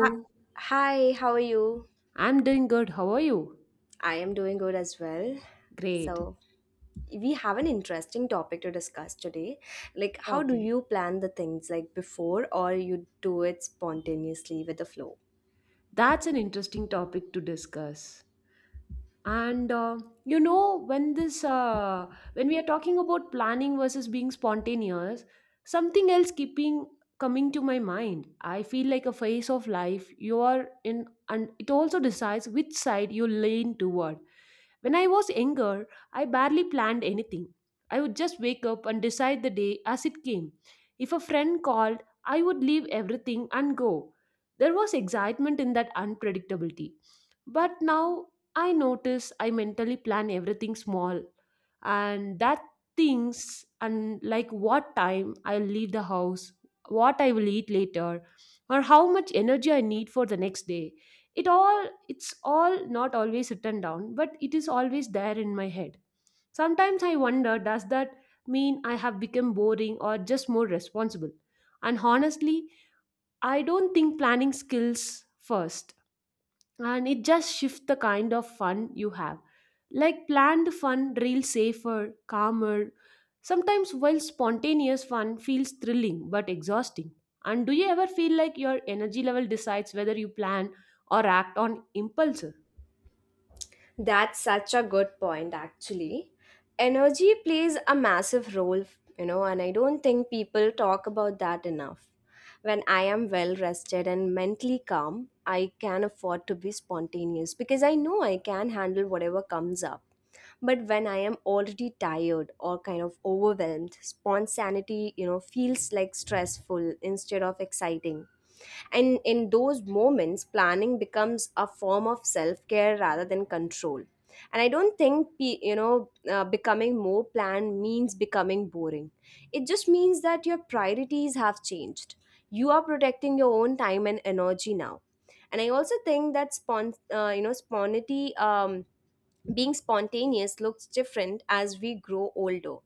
Hi, hi, how are you? I'm doing good. How are you? I am doing good as well. Great. So, we have an interesting topic to discuss today. Like, how do Okay. you plan the things like before, or you do it spontaneously with the flow? That's an interesting topic to discuss. And You know, when this when we are talking about planning versus being spontaneous, something else keeping coming to my mind. I feel like a phase of life you are in, and it also decides which side you lean toward. When I was younger, I barely planned anything. I would just wake up and decide the day as it came. If a friend called, I would leave everything and go. There was excitement in that unpredictability. But now I notice I mentally plan everything small. And that things, and like what time I'll leave the house, what I will eat later, or how much energy I need for the next day. It's all not always written down, but it is always there in my head. Sometimes I wonder, does that mean I have become boring or just more responsible? And honestly, I don't think planning skills first, and it just shifts the kind of fun you have. Like planned fun, real safer, calmer. Sometimes, while spontaneous fun feels thrilling but exhausting. And do you ever feel like your energy level decides whether you plan or act on impulse? That's such a good point, actually. Energy plays a massive role, you know, and I don't think people talk about that enough. When I am well rested and mentally calm, I can afford to be spontaneous because I know I can handle whatever comes up. But when I am already tired or kind of overwhelmed, spontaneity, you know, feels like stressful instead of exciting. And in those moments, planning becomes a form of self care rather than control. And I don't think, becoming more planned means becoming boring. It just means that your priorities have changed. You are protecting your own time and energy now. And I also think that spontaneity being spontaneous looks different as we grow older.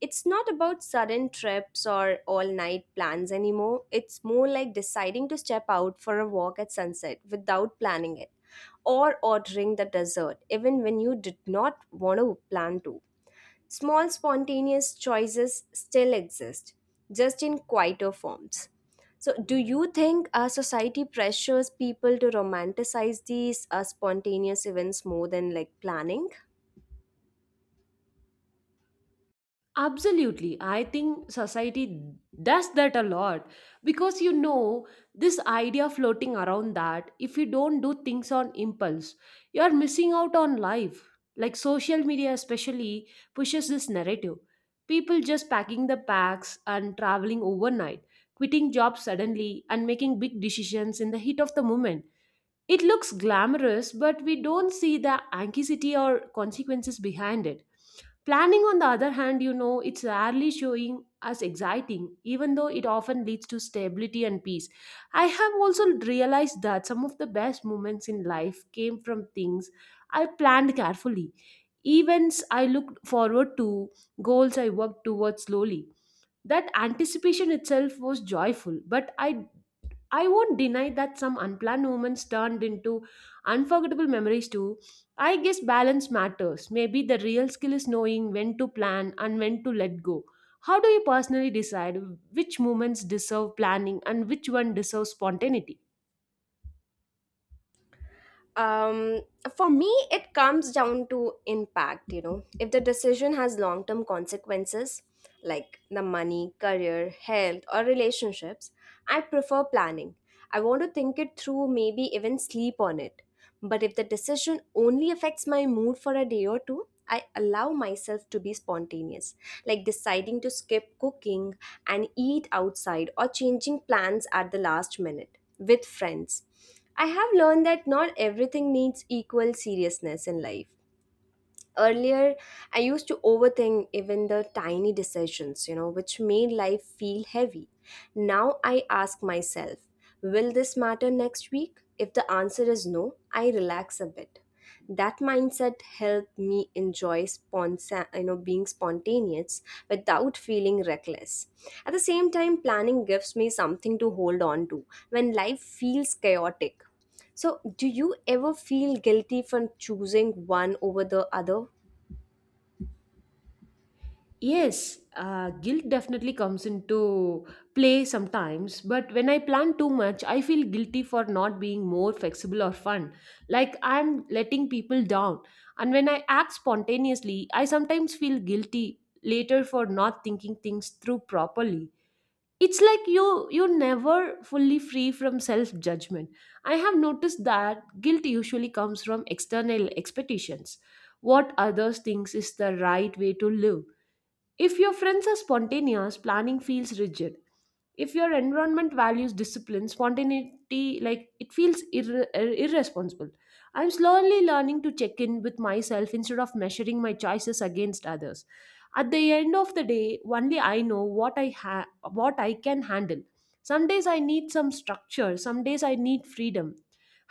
It's not about sudden trips or all night plans anymore. It's more like deciding to step out for a walk at sunset without planning it or ordering the dessert even when you did not want to plan to. Small spontaneous choices still exist, just in quieter forms. So, do you think our society pressures people to romanticize these spontaneous events more than like planning? Absolutely. I think society does that a lot because this idea floating around that if you don't do things on impulse, you're missing out on life. Like social media, especially, pushes this narrative. People just packing the packs and traveling overnight, quitting jobs suddenly, and making big decisions in the heat of the moment. It looks glamorous, but we don't see the anxiety or consequences behind it. Planning, on the other hand, you know, it's rarely showing as exciting, even though it often leads to stability and peace. I have also realized that some of the best moments in life came from things I planned carefully, events I looked forward to, goals I worked towards slowly. That anticipation itself was joyful, but I won't deny that some unplanned moments turned into unforgettable memories too. I guess balance matters. Maybe the real skill is knowing when to plan and when to let go. How do you personally decide which moments deserve planning and which one deserves spontaneity? um for me, it comes down to impact, you know, if the decision has long term consequences like the money, career, health, or relationships, I prefer planning. I want to think it through, maybe even sleep on it. But if the decision only affects my mood for a day or two, I allow myself to be spontaneous, like deciding to skip cooking and eat outside or changing plans at the last minute with friends. I have learned that not everything needs equal seriousness in life. Earlier, I used to overthink even the tiny decisions, you know, which made life feel heavy. Now I ask myself, will this matter next week? If the answer is no, I relax a bit. That mindset helped me enjoy being spontaneous without feeling reckless. At the same time, planning gives me something to hold on to when life feels chaotic. So, do you ever feel guilty for choosing one over the other? Yes, guilt definitely comes into play sometimes, but when I plan too much, I feel guilty for not being more flexible or fun. Like I'm letting people down. And when I act spontaneously, I sometimes feel guilty later for not thinking things through properly. It's like you're never fully free from self-judgment. I have noticed that guilt usually comes from external expectations. What others thinks is the right way to live. If your friends are spontaneous, planning feels rigid. If your environment values discipline, spontaneity, like it feels irresponsible. I'm slowly learning to check in with myself instead of measuring my choices against others. At the end of the day, only I know what I can handle. Some days I need some structure, some days I need freedom.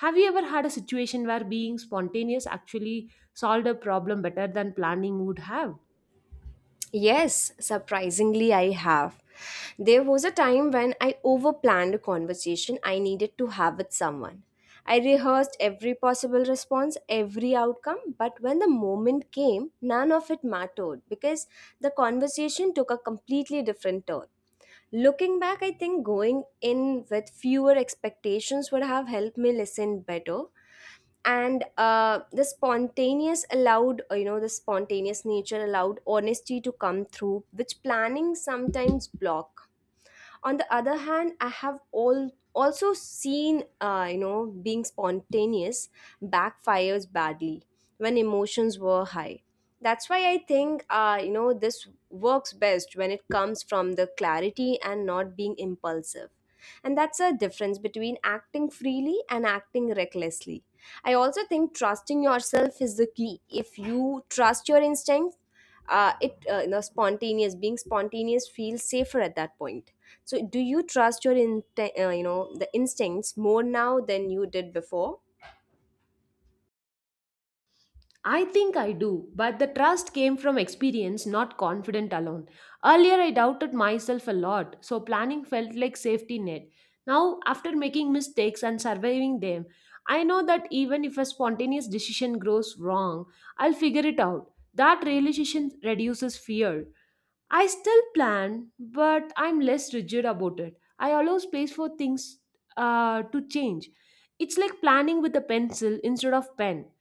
Have you ever had a situation where being spontaneous actually solved a problem better than planning would have? Yes, surprisingly, I have. There was a time when I overplanned a conversation I needed to have with someone. I rehearsed every possible response, every outcome, but when the moment came, none of it mattered because the conversation took a completely different turn. Looking back, I think going in with fewer expectations would have helped me listen better. And the spontaneous allowed, the spontaneous nature allowed honesty to come through, which planning sometimes block. On the other hand, I have all also seen, being spontaneous backfires badly when emotions were high. That's why I think, this works best when it comes from the clarity and not being impulsive, and that's a difference between acting freely and acting recklessly. I also think trusting yourself is the key. If you trust your instincts, it spontaneous being spontaneous feels safer at that point. So, do you trust your in you know the instincts more now than you did before? I think I do, but the trust came from experience, not confidence alone. Earlier, I doubted myself a lot, so planning felt like safety net. Now, after making mistakes and surviving them, I know that even if a spontaneous decision grows wrong, I'll figure it out. That realization reduces fear. I still plan, but I'm less rigid about it. I allow space for things to change. It's like planning with a pencil instead of pen.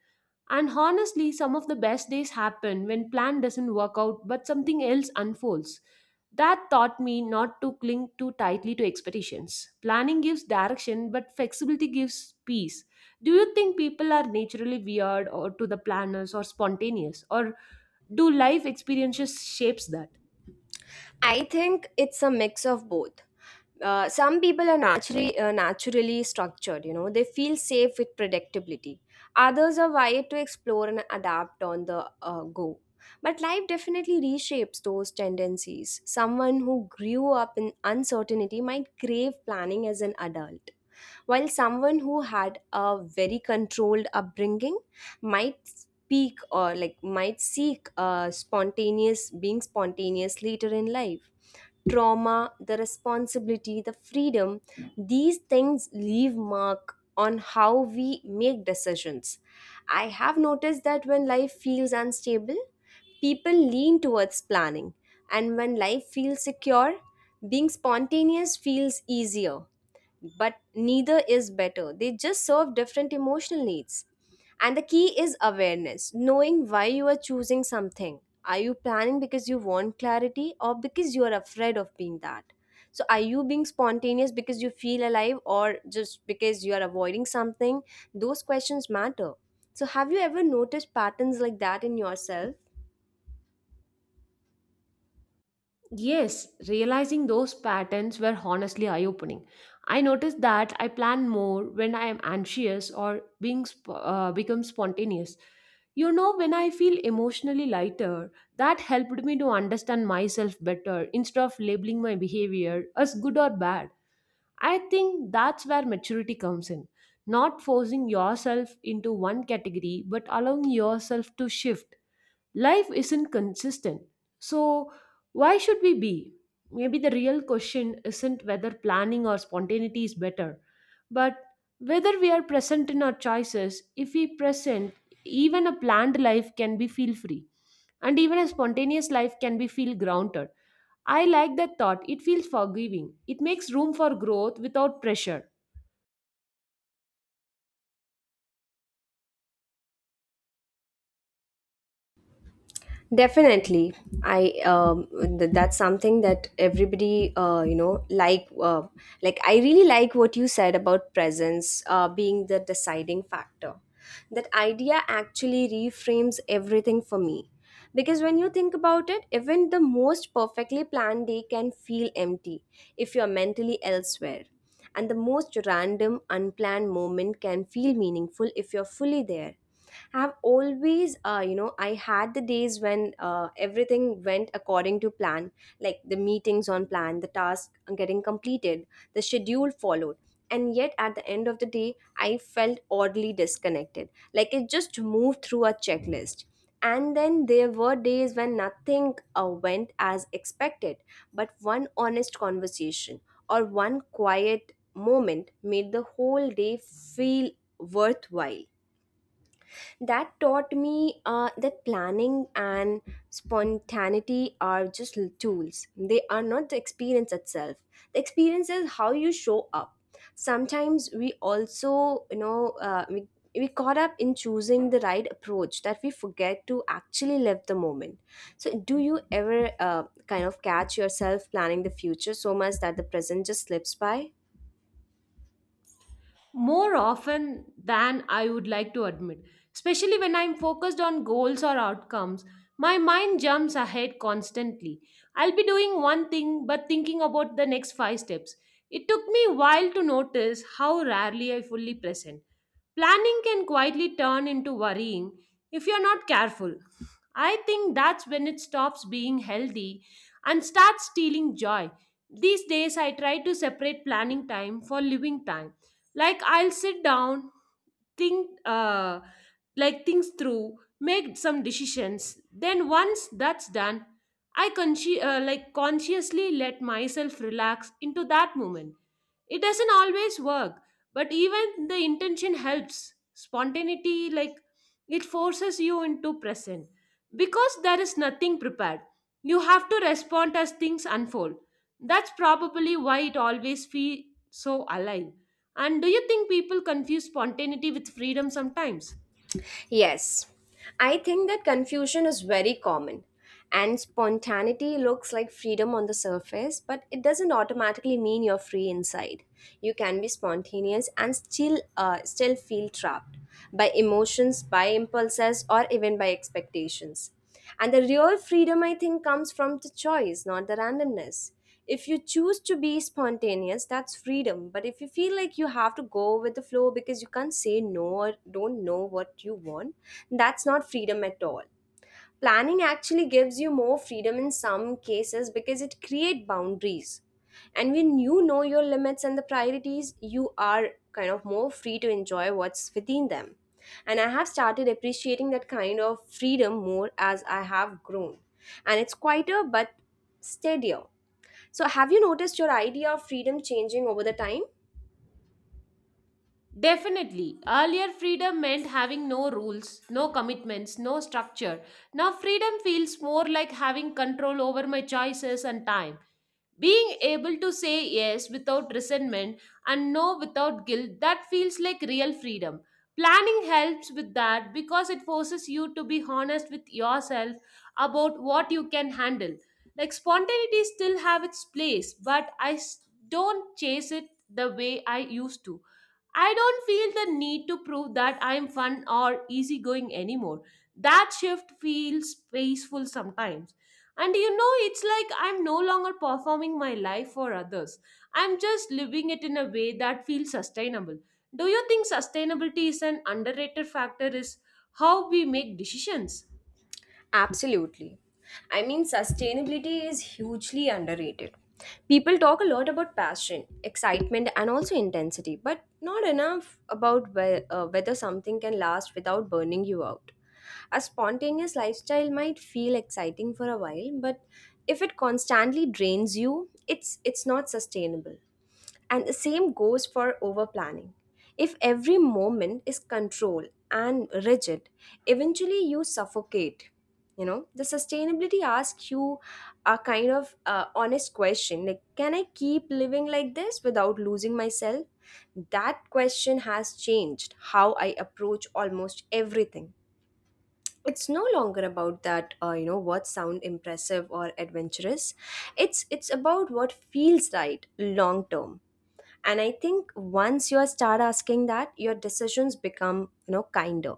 And honestly, some of the best days happen when plan doesn't work out but something else unfolds. That taught me not to cling too tightly to expectations. Planning gives direction but flexibility gives peace. Do you think people are naturally weird or to the planners or spontaneous, or do life experiences shapes that? I think it's a mix of both. Some people are naturally naturally structured, you know, they feel safe with predictability. Others are wired to explore and adapt on the go. But life definitely reshapes those tendencies. Someone who grew up in uncertainty might crave planning as an adult, while someone who had a very controlled upbringing might speak or like might seek spontaneous being spontaneous later in life. Trauma, the responsibility, the freedom, these things leave mark on how we make decisions. I have noticed that when life feels unstable, people lean towards planning, and when life feels secure, being spontaneous feels easier. But neither is better. They just serve different emotional needs. And the key is awareness, knowing why you are choosing something. Are you planning because you want clarity or because you are afraid of being that? So, are you being spontaneous because you feel alive or just because you are avoiding something? Those questions matter. So, have you ever noticed patterns like that in yourself? Yes, realizing those patterns were honestly eye opening. I noticed that I plan more when I am anxious or become spontaneous. You know, when I feel emotionally lighter, that helped me to understand myself better instead of labeling my behavior as good or bad. I think that's where maturity comes in. Not forcing yourself into one category, but allowing yourself to shift. Life isn't consistent. So, why should we be? Maybe the real question isn't whether planning or spontaneity is better, but whether we are present in our choices. If we present, even a planned life can be feel free, and even a spontaneous life can be feel grounded. I like that thought. It feels forgiving. It makes room for growth without pressure. Definitely, I um, that's something that everybody, I really like what you said about presence being the deciding factor. That idea actually reframes everything for me, because when you think about it, even the most perfectly planned day can feel empty if you are mentally elsewhere, and the most random unplanned moment can feel meaningful if you're fully there. I've always, I had the days when everything went according to plan, like the meetings on plan, the task getting completed, the schedule followed. And yet, at the end of the day, I felt oddly disconnected, like it just moved through a checklist. And then there were days when nothing went as expected, but one honest conversation or one quiet moment made the whole day feel worthwhile. That taught me that planning and spontaneity are just tools. They are not the experience itself. The experience is how you show up. Sometimes we also, we caught up in choosing the right approach that we forget to actually live the moment. So, do you ever kind of catch yourself planning the future so much that the present just slips by? More often than I would like to admit. Especially when I'm focused on goals or outcomes, my mind jumps ahead constantly. I'll be doing one thing but thinking about the next five steps. It took me a while to notice how rarely I fully present. Planning can quietly turn into worrying if you're not careful. I think that's when it stops being healthy and starts stealing joy. These days, I try to separate planning time for living time. Like, I'll sit down, think like things through, make some decisions, then once that's done, like consciously let myself relax into that moment. It doesn't always work, but even the intention helps. Spontaneity, like, it forces you into present because there is nothing prepared. You have to respond as things unfold. That's probably why it always feels so alive. And do you think people confuse spontaneity with freedom sometimes? Yes, I think that confusion is very common. And spontaneity looks like freedom on the surface, but it doesn't automatically mean you're free inside. You can be spontaneous and still, still feel trapped by emotions, by impulses, or even by expectations. And the real freedom, I think, comes from the choice, not the randomness. If you choose to be spontaneous, that's freedom. But if you feel like you have to go with the flow because you can't say no or don't know what you want, that's not freedom at all. Planning actually gives you more freedom in some cases because it creates boundaries, and when you know your limits and the priorities, you are kind of more free to enjoy what's within them. And I have started appreciating that kind of freedom more as I have grown, and it's quieter but steadier. So, have you noticed your idea of freedom changing over the time? Definitely. Earlier, freedom meant having no rules, no commitments, no structure. Now, freedom feels more like having control over my choices and time. Being able to say yes without resentment and no without guilt, that feels like real freedom. Planning helps with that because it forces you to be honest with yourself about what you can handle. Like spontaneity still have its place, but don't chase it the way I used to. I don't feel the need to prove that I'm fun or easygoing anymore. That shift feels peaceful sometimes. And you know, it's like I'm no longer performing my life for others. I'm just living it in a way that feels sustainable. Do you think sustainability is an underrated factor is how we make decisions? Absolutely. I mean, sustainability is hugely underrated. People talk a lot about passion, excitement, and also intensity, but not enough about whether something can last without burning you out. A spontaneous lifestyle might feel exciting for a while, but if it constantly drains you, it's not sustainable. And the same goes for over planning. If every moment is controlled and rigid, eventually you suffocate. You know, the sustainability asks you a kind of honest question like, can I keep living like this without losing myself? That question has changed how I approach almost everything. It's no longer about that, what sound impressive or adventurous. It's about what feels right long term. And I think once you start asking that, your decisions become, you know, kinder,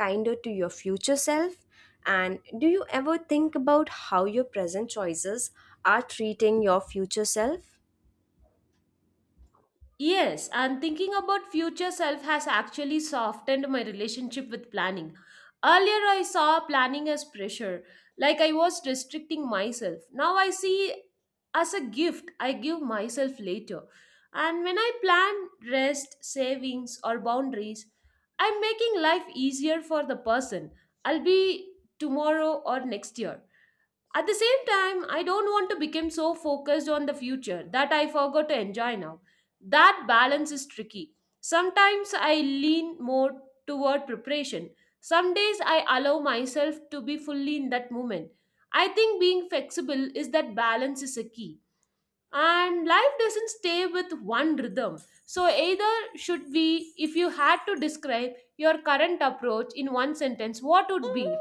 kinder to your future self. And do you ever think about how your present choices are treating your future self? Yes, and thinking about future self has actually softened my relationship with planning. Earlier, I saw planning as pressure, like I was restricting myself. Now I see as a gift I give myself later. And when I plan rest, savings, or boundaries, I'm making life easier for the person I'll be tomorrow or next year. At the same time, I don't want to become so focused on the future that I forgot to enjoy now. That balance is tricky. Sometimes I lean more toward preparation. Some days I allow myself to be fully in that moment. I think being flexible is that balance is a key. And life doesn't stay with one rhythm. So, either should we, if you had to describe your current approach in one sentence, what would be?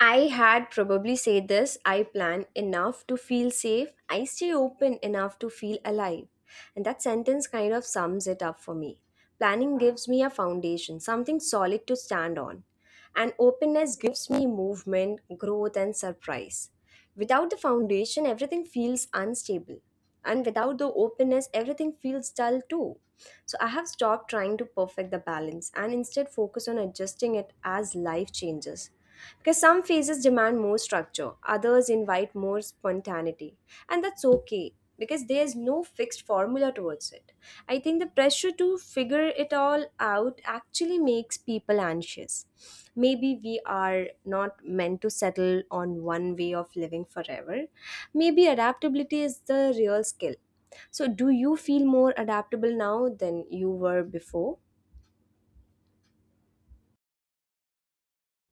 I had probably said this: I plan enough to feel safe, I stay open enough to feel alive. And that sentence kind of sums it up for me. Planning gives me a foundation, something solid to stand on. And openness gives me movement, growth, and surprise. Without the foundation, everything feels unstable. And without the openness, everything feels dull too. So I have stopped trying to perfect the balance and instead focus on adjusting it as life changes. Because some phases demand more structure, others invite more spontaneity. And that's okay because there's no fixed formula towards it. I think the pressure to figure it all out actually makes people anxious. Maybe we are not meant to settle on one way of living forever. Maybe adaptability is the real skill. So, do you feel more adaptable now than you were before?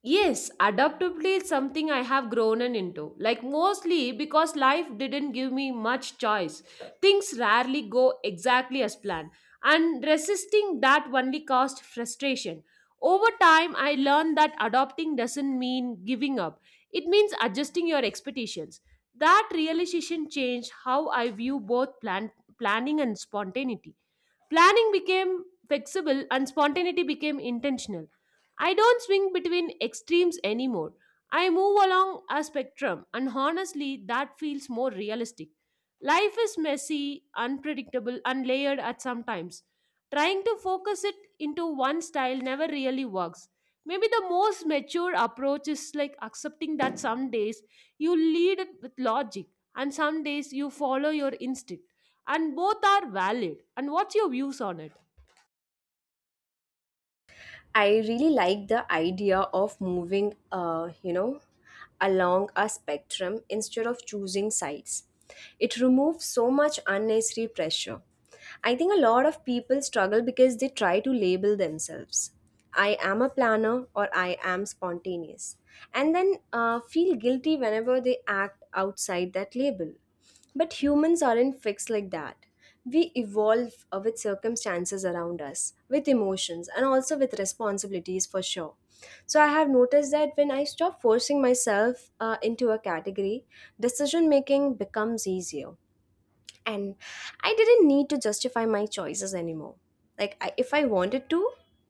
Yes, adaptability is something I have grown in into. Like mostly because life didn't give me much choice. Things rarely go exactly as planned, and resisting that only caused frustration. Over time, I learned that adopting doesn't mean giving up. It means adjusting your expectations. That realization changed how I view both planning and spontaneity. Planning became flexible and spontaneity became intentional. I don't swing between extremes anymore. I move along a spectrum, and honestly, that feels more realistic. Life is messy, unpredictable, and layered at some times. Trying to focus it into one style never really works. Maybe the most mature approach is like accepting that some days you lead it with logic and some days you follow your instinct. And both are valid. And what's your views on it? I really like the idea of moving, along a spectrum instead of choosing sides. It removes so much unnecessary pressure. I think a lot of people struggle because they try to label themselves. I am a planner or I am spontaneous, and then feel guilty whenever they act outside that label. But humans aren't fixed like that. We evolve with circumstances around us, with emotions, and also with responsibilities for sure. So, I have noticed that when I stop forcing myself into a category, decision making becomes easier and I didn't need to justify my choices anymore. Like I, if I wanted to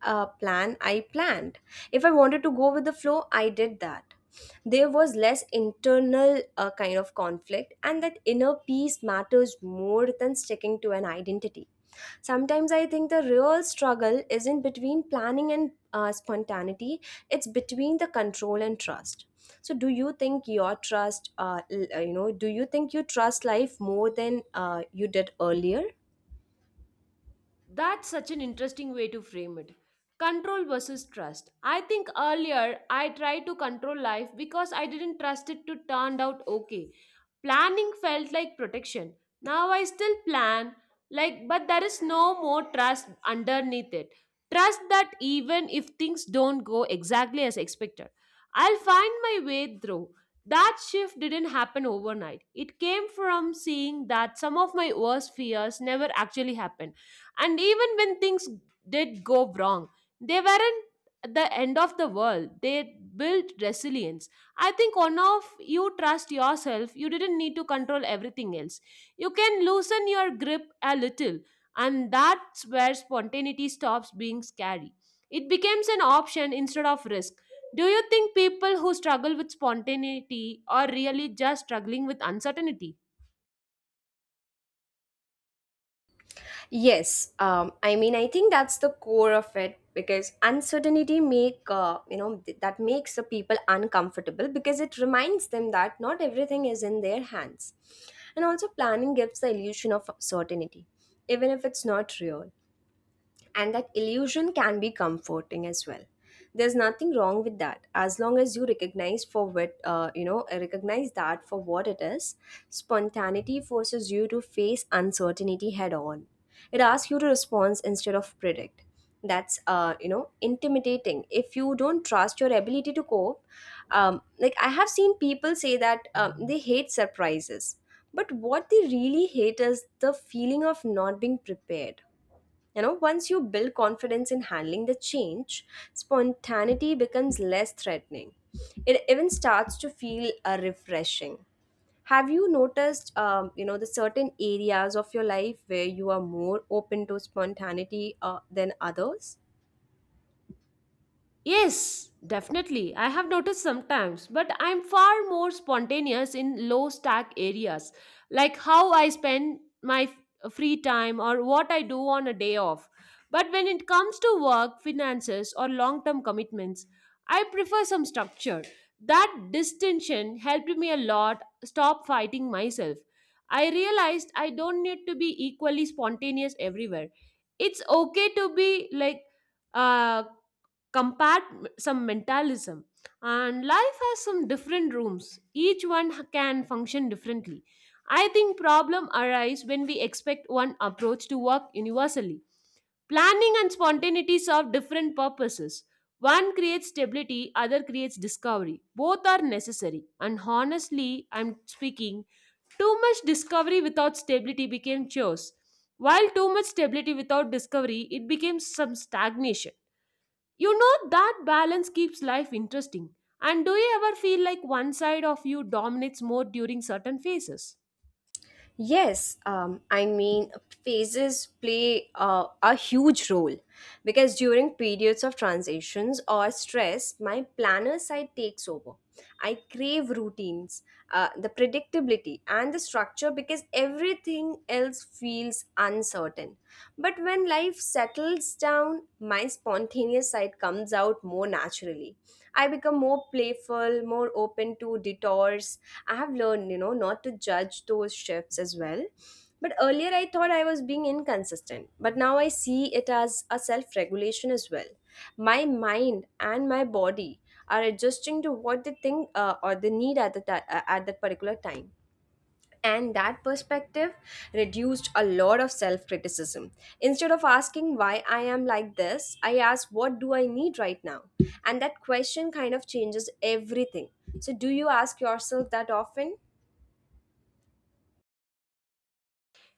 plan, I planned. If I wanted to go with the flow, I did that. There was less internal kind of conflict, and that inner peace matters more than sticking to an identity. Sometimes I think the real struggle isn't between planning and spontaneity, it's between the control and trust. So, do you think your trust, l- you know, do you think you trust life more than you did earlier? That's such an interesting way to frame it. Control versus trust. I think earlier I tried to control life because I didn't trust it to turn out okay. Planning felt like protection. Now I still plan, like, but there is no more trust underneath it. Trust that even if things don't go exactly as expected, I'll find my way through. That shift didn't happen overnight. It came from seeing that some of my worst fears never actually happened, and even when things did go wrong, they weren't the end of the world. They built resilience. I think one of you trust yourself, you didn't need to control everything else. You can loosen your grip a little, and that's where spontaneity stops being scary. It becomes an option instead of risk. Do you think people who struggle with spontaneity are really just struggling with uncertainty? Yes, I mean, I think that's the core of it because uncertainty make that makes the people uncomfortable because it reminds them that not everything is in their hands, and also planning gives the illusion of certainty, even if it's not real, and that illusion can be comforting as well. There's nothing wrong with that as long as you recognize that for what it is. Spontaneity forces you to face uncertainty head on. It asks you to respond instead of predict. That's intimidating if you don't trust your ability to cope. Like I have seen people say that they hate surprises, but what they really hate is the feeling of not being prepared. You know, once you build confidence in handling the change, spontaneity becomes less threatening. It even starts to feel refreshing. Have you noticed, the certain areas of your life where you are more open to spontaneity than others? Yes, definitely. I have noticed sometimes, but I'm far more spontaneous in low stack areas, like how I spend my free time or what I do on a day off. But when it comes to work, finances, or long term commitments, I prefer some structure. That distinction helped me a lot stop fighting myself. I realized I don't need to be equally spontaneous everywhere. It's okay to be like, uh compared some mentalism, and life has some different rooms, each one can function differently. I think problem arise when we expect one approach to work universally. Planning and spontaneity serve different purposes. One creates stability, other creates discovery. Both are necessary, and honestly, I'm speaking too much discovery without stability became chores, while too much stability without discovery it became some stagnation. You know, that balance keeps life interesting. And do you ever feel like one side of you dominates more during certain phases? Yes, I mean, phases play a huge role because during periods of transitions or stress, my planner side takes over. I crave routines, the predictability, and the structure because everything else feels uncertain. But when life settles down, my spontaneous side comes out more naturally. I become more playful, more open to detours. I have learned, you know, not to judge those shifts as well. But earlier I thought I was being inconsistent, but now I see it as a self regulation as well. My mind and my body are adjusting to what they think or they need at that particular time. And that perspective reduced a lot of self criticism. Instead of asking why I am like this, I asked what do I need right now? And that question kind of changes everything. So, do you ask yourself that often?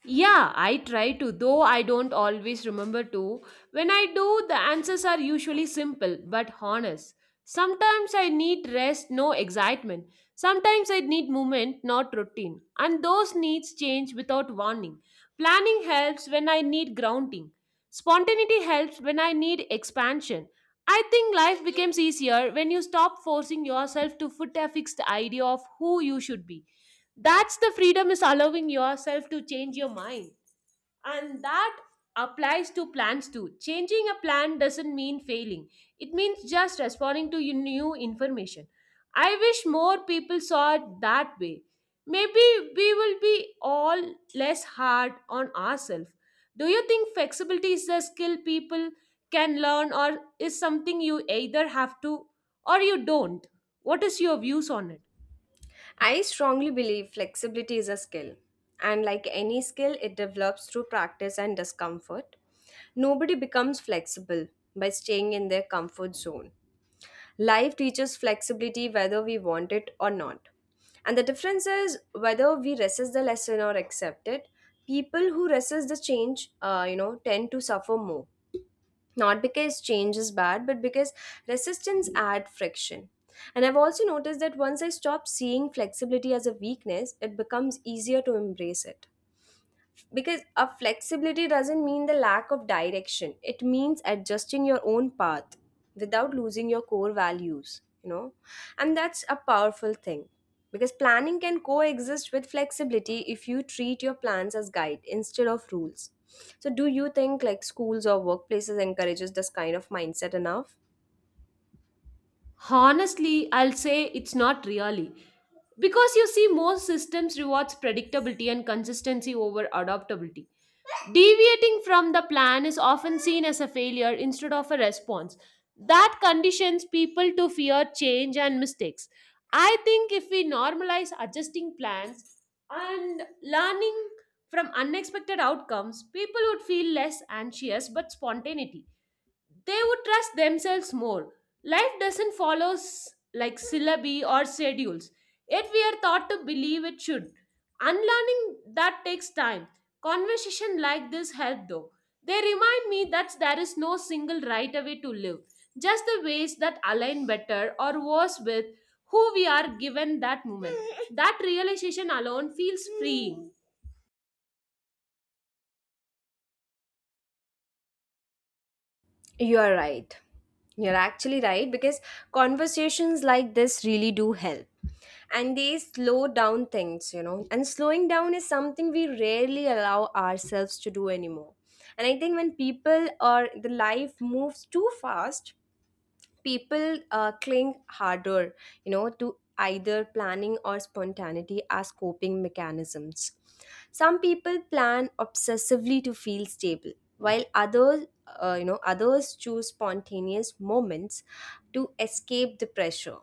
Yeah, I try to, though I don't always remember to. When I do, the answers are usually simple but honest. Sometimes I need rest, no excitement. Sometimes I need movement, not routine. And those needs change without warning. Planning helps when I need grounding. Spontaneity helps when I need expansion. I think life becomes easier when you stop forcing yourself to fit a fixed idea of who you should be. That's the freedom is allowing yourself to change your mind. And that applies to plans too. Changing a plan doesn't mean failing, it means just responding to your new information. I wish more people saw it that way. Maybe we will be all less hard on ourselves. Do you think flexibility is a skill people can learn, or is something you either have to or you don't? What is your views on it? I strongly believe flexibility is a skill. And like any skill, it develops through practice and discomfort. Nobody becomes flexible by staying in their comfort zone. Life teaches flexibility whether we want it or not. And the difference is whether we resist the lesson or accept it. People who resist the change, tend to suffer more. Not because change is bad, but because resistance adds friction. And I've also noticed that once I stop seeing flexibility as a weakness, it becomes easier to embrace it, because a flexibility doesn't mean the lack of direction, it means adjusting your own path without losing your core values, you know. And that's a powerful thing because planning can coexist with flexibility if you treat your plans as guide instead of rules. So do you think like schools or workplaces encourages this kind of mindset enough? Honestly, I'll say it's not really. Because you see, most systems rewards predictability and consistency over adaptability. Deviating from the plan is often seen as a failure instead of a response. That conditions people to fear change and mistakes. I think if we normalize adjusting plans and learning from unexpected outcomes, people would feel less anxious but spontaneity they would trust themselves more. Life doesn't follow like syllabi or schedules, yet we are taught to believe it should. Unlearning that takes time. Conversation like this help though. They remind me that there is no single right way to live, just the ways that align better or worse with who we are given that moment. That realization alone feels freeing. You are right. You're actually right because conversations like this really do help. And they slow down things, you know. And slowing down is something we rarely allow ourselves to do anymore. And I think when people or the life moves too fast, people cling harder, you know, to either planning or spontaneity as coping mechanisms. Some people plan obsessively to feel stable, while others you know others choose spontaneous moments to escape the pressure.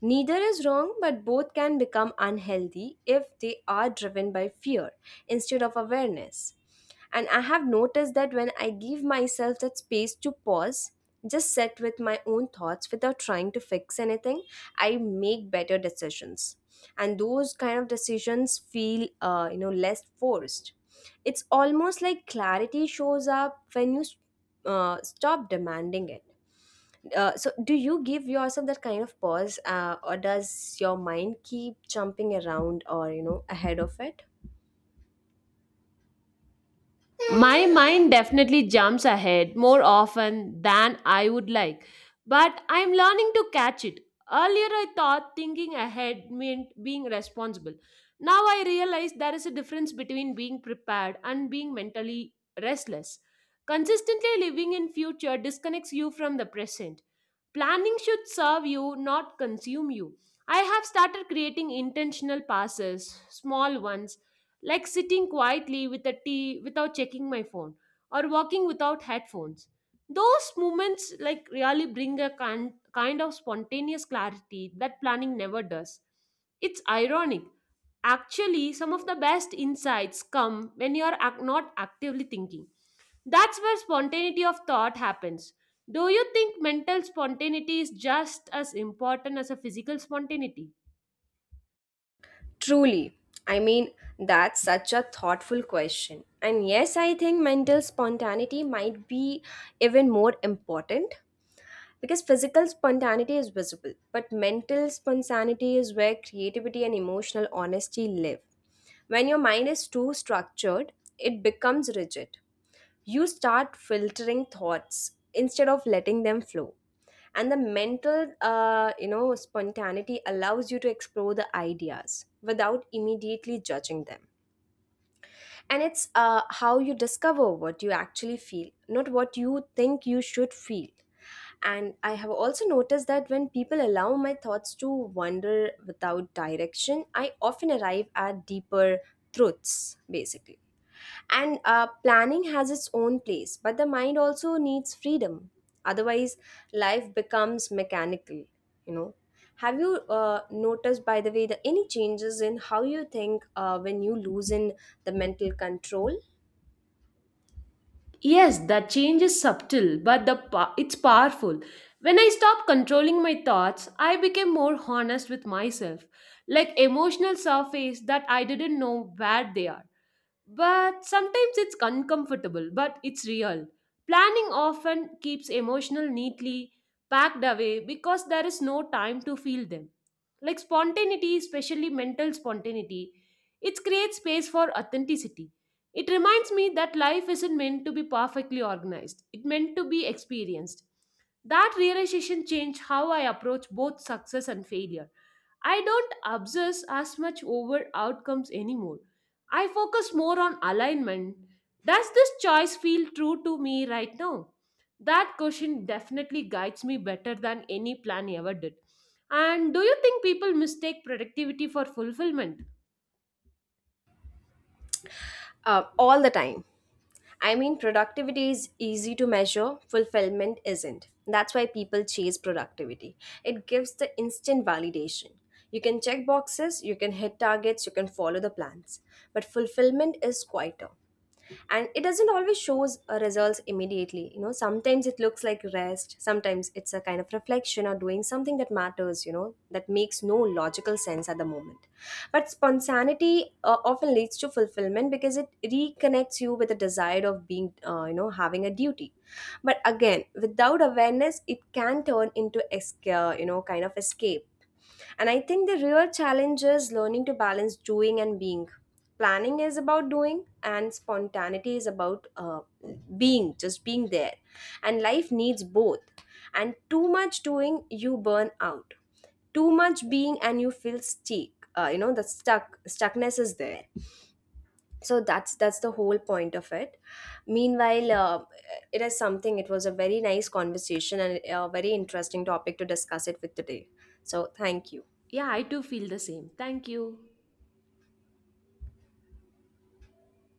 Neither is wrong, but both can become unhealthy if they are driven by fear instead of awareness. And I have noticed that when I give myself that space to pause, just sit with my own thoughts without trying to fix anything, I make better decisions. And those kind of decisions feel, less forced. It's almost like clarity shows up when you stop demanding it. So do you give yourself that kind of pause or does your mind keep jumping around or you know ahead of it? My mind definitely jumps ahead more often than I would like, but I'm learning to catch it. Earlier, I thought thinking ahead meant being responsible. Now, I realize there is a difference between being prepared and being mentally restless. Consistently living in future disconnects you from the present. Planning should serve you, not consume you. I have started creating intentional passes, small ones like sitting quietly with a tea without checking my phone or walking without headphones. Those moments like really bring a kind of spontaneous clarity that planning never does. It's ironic, actually some of the best insights come when you are not actively thinking. That's where spontaneity of thought happens. Do you think mental spontaneity is just as important as a physical spontaneity? Truly, I mean, that's such a thoughtful question, and yes, I think mental spontaneity might be even more important because physical spontaneity is visible, but mental spontaneity is where creativity and emotional honesty live. When your mind is too structured, it becomes rigid. You start filtering thoughts instead of letting them flow. And the mental spontaneity allows you to explore the ideas without immediately judging them. And it's how you discover what you actually feel, not what you think you should feel. And I have also noticed that when people allow my thoughts to wander without direction, I often arrive at deeper truths basically. And planning has its own place, but the mind also needs freedom. Otherwise, life becomes mechanical, you know. Have you noticed, by the way, the any changes in how you think when you loosen the mental control? Yes, that change is subtle, but the it's powerful. When I stopped controlling my thoughts, I became more honest with myself, like emotional surface that I didn't know where they are. But sometimes it's uncomfortable, but it's real. Planning often keeps emotional neatly packed away because there is no time to feel them. Like spontaneity, especially mental spontaneity, it creates space for authenticity. It reminds me that life isn't meant to be perfectly organized, it meant to be experienced. That realization changed how I approach both success and failure. I don't obsess as much over outcomes anymore. I focus more on alignment. Does this choice feel true to me right now? That question definitely guides me better than any plan ever did. And do you think people mistake productivity for fulfillment? All the time. I mean, productivity is easy to measure, fulfillment isn't. That's why people chase productivity. It gives the instant validation. You can check boxes, you can hit targets, you can follow the plans. But fulfillment is quieter. And it doesn't always shows results immediately. You know, sometimes it looks like rest, sometimes it's a kind of reflection or doing something that matters, you know, that makes no logical sense at the moment. But spontaneity often leads to fulfillment because it reconnects you with the desire of being, having a duty. But again, without awareness, it can turn into, kind of escape. And I think the real challenge is learning to balance doing and being. Planning is about doing, and spontaneity is about being, just being there. And life needs both. And too much doing, you burn out. Too much being, and you feel stuck. You know, the stuckness is there. So that's the whole point of it. Meanwhile, it is something. It was a very nice conversation and a very interesting topic to discuss it with today. So thank you. Yeah, I too feel the same. Thank you.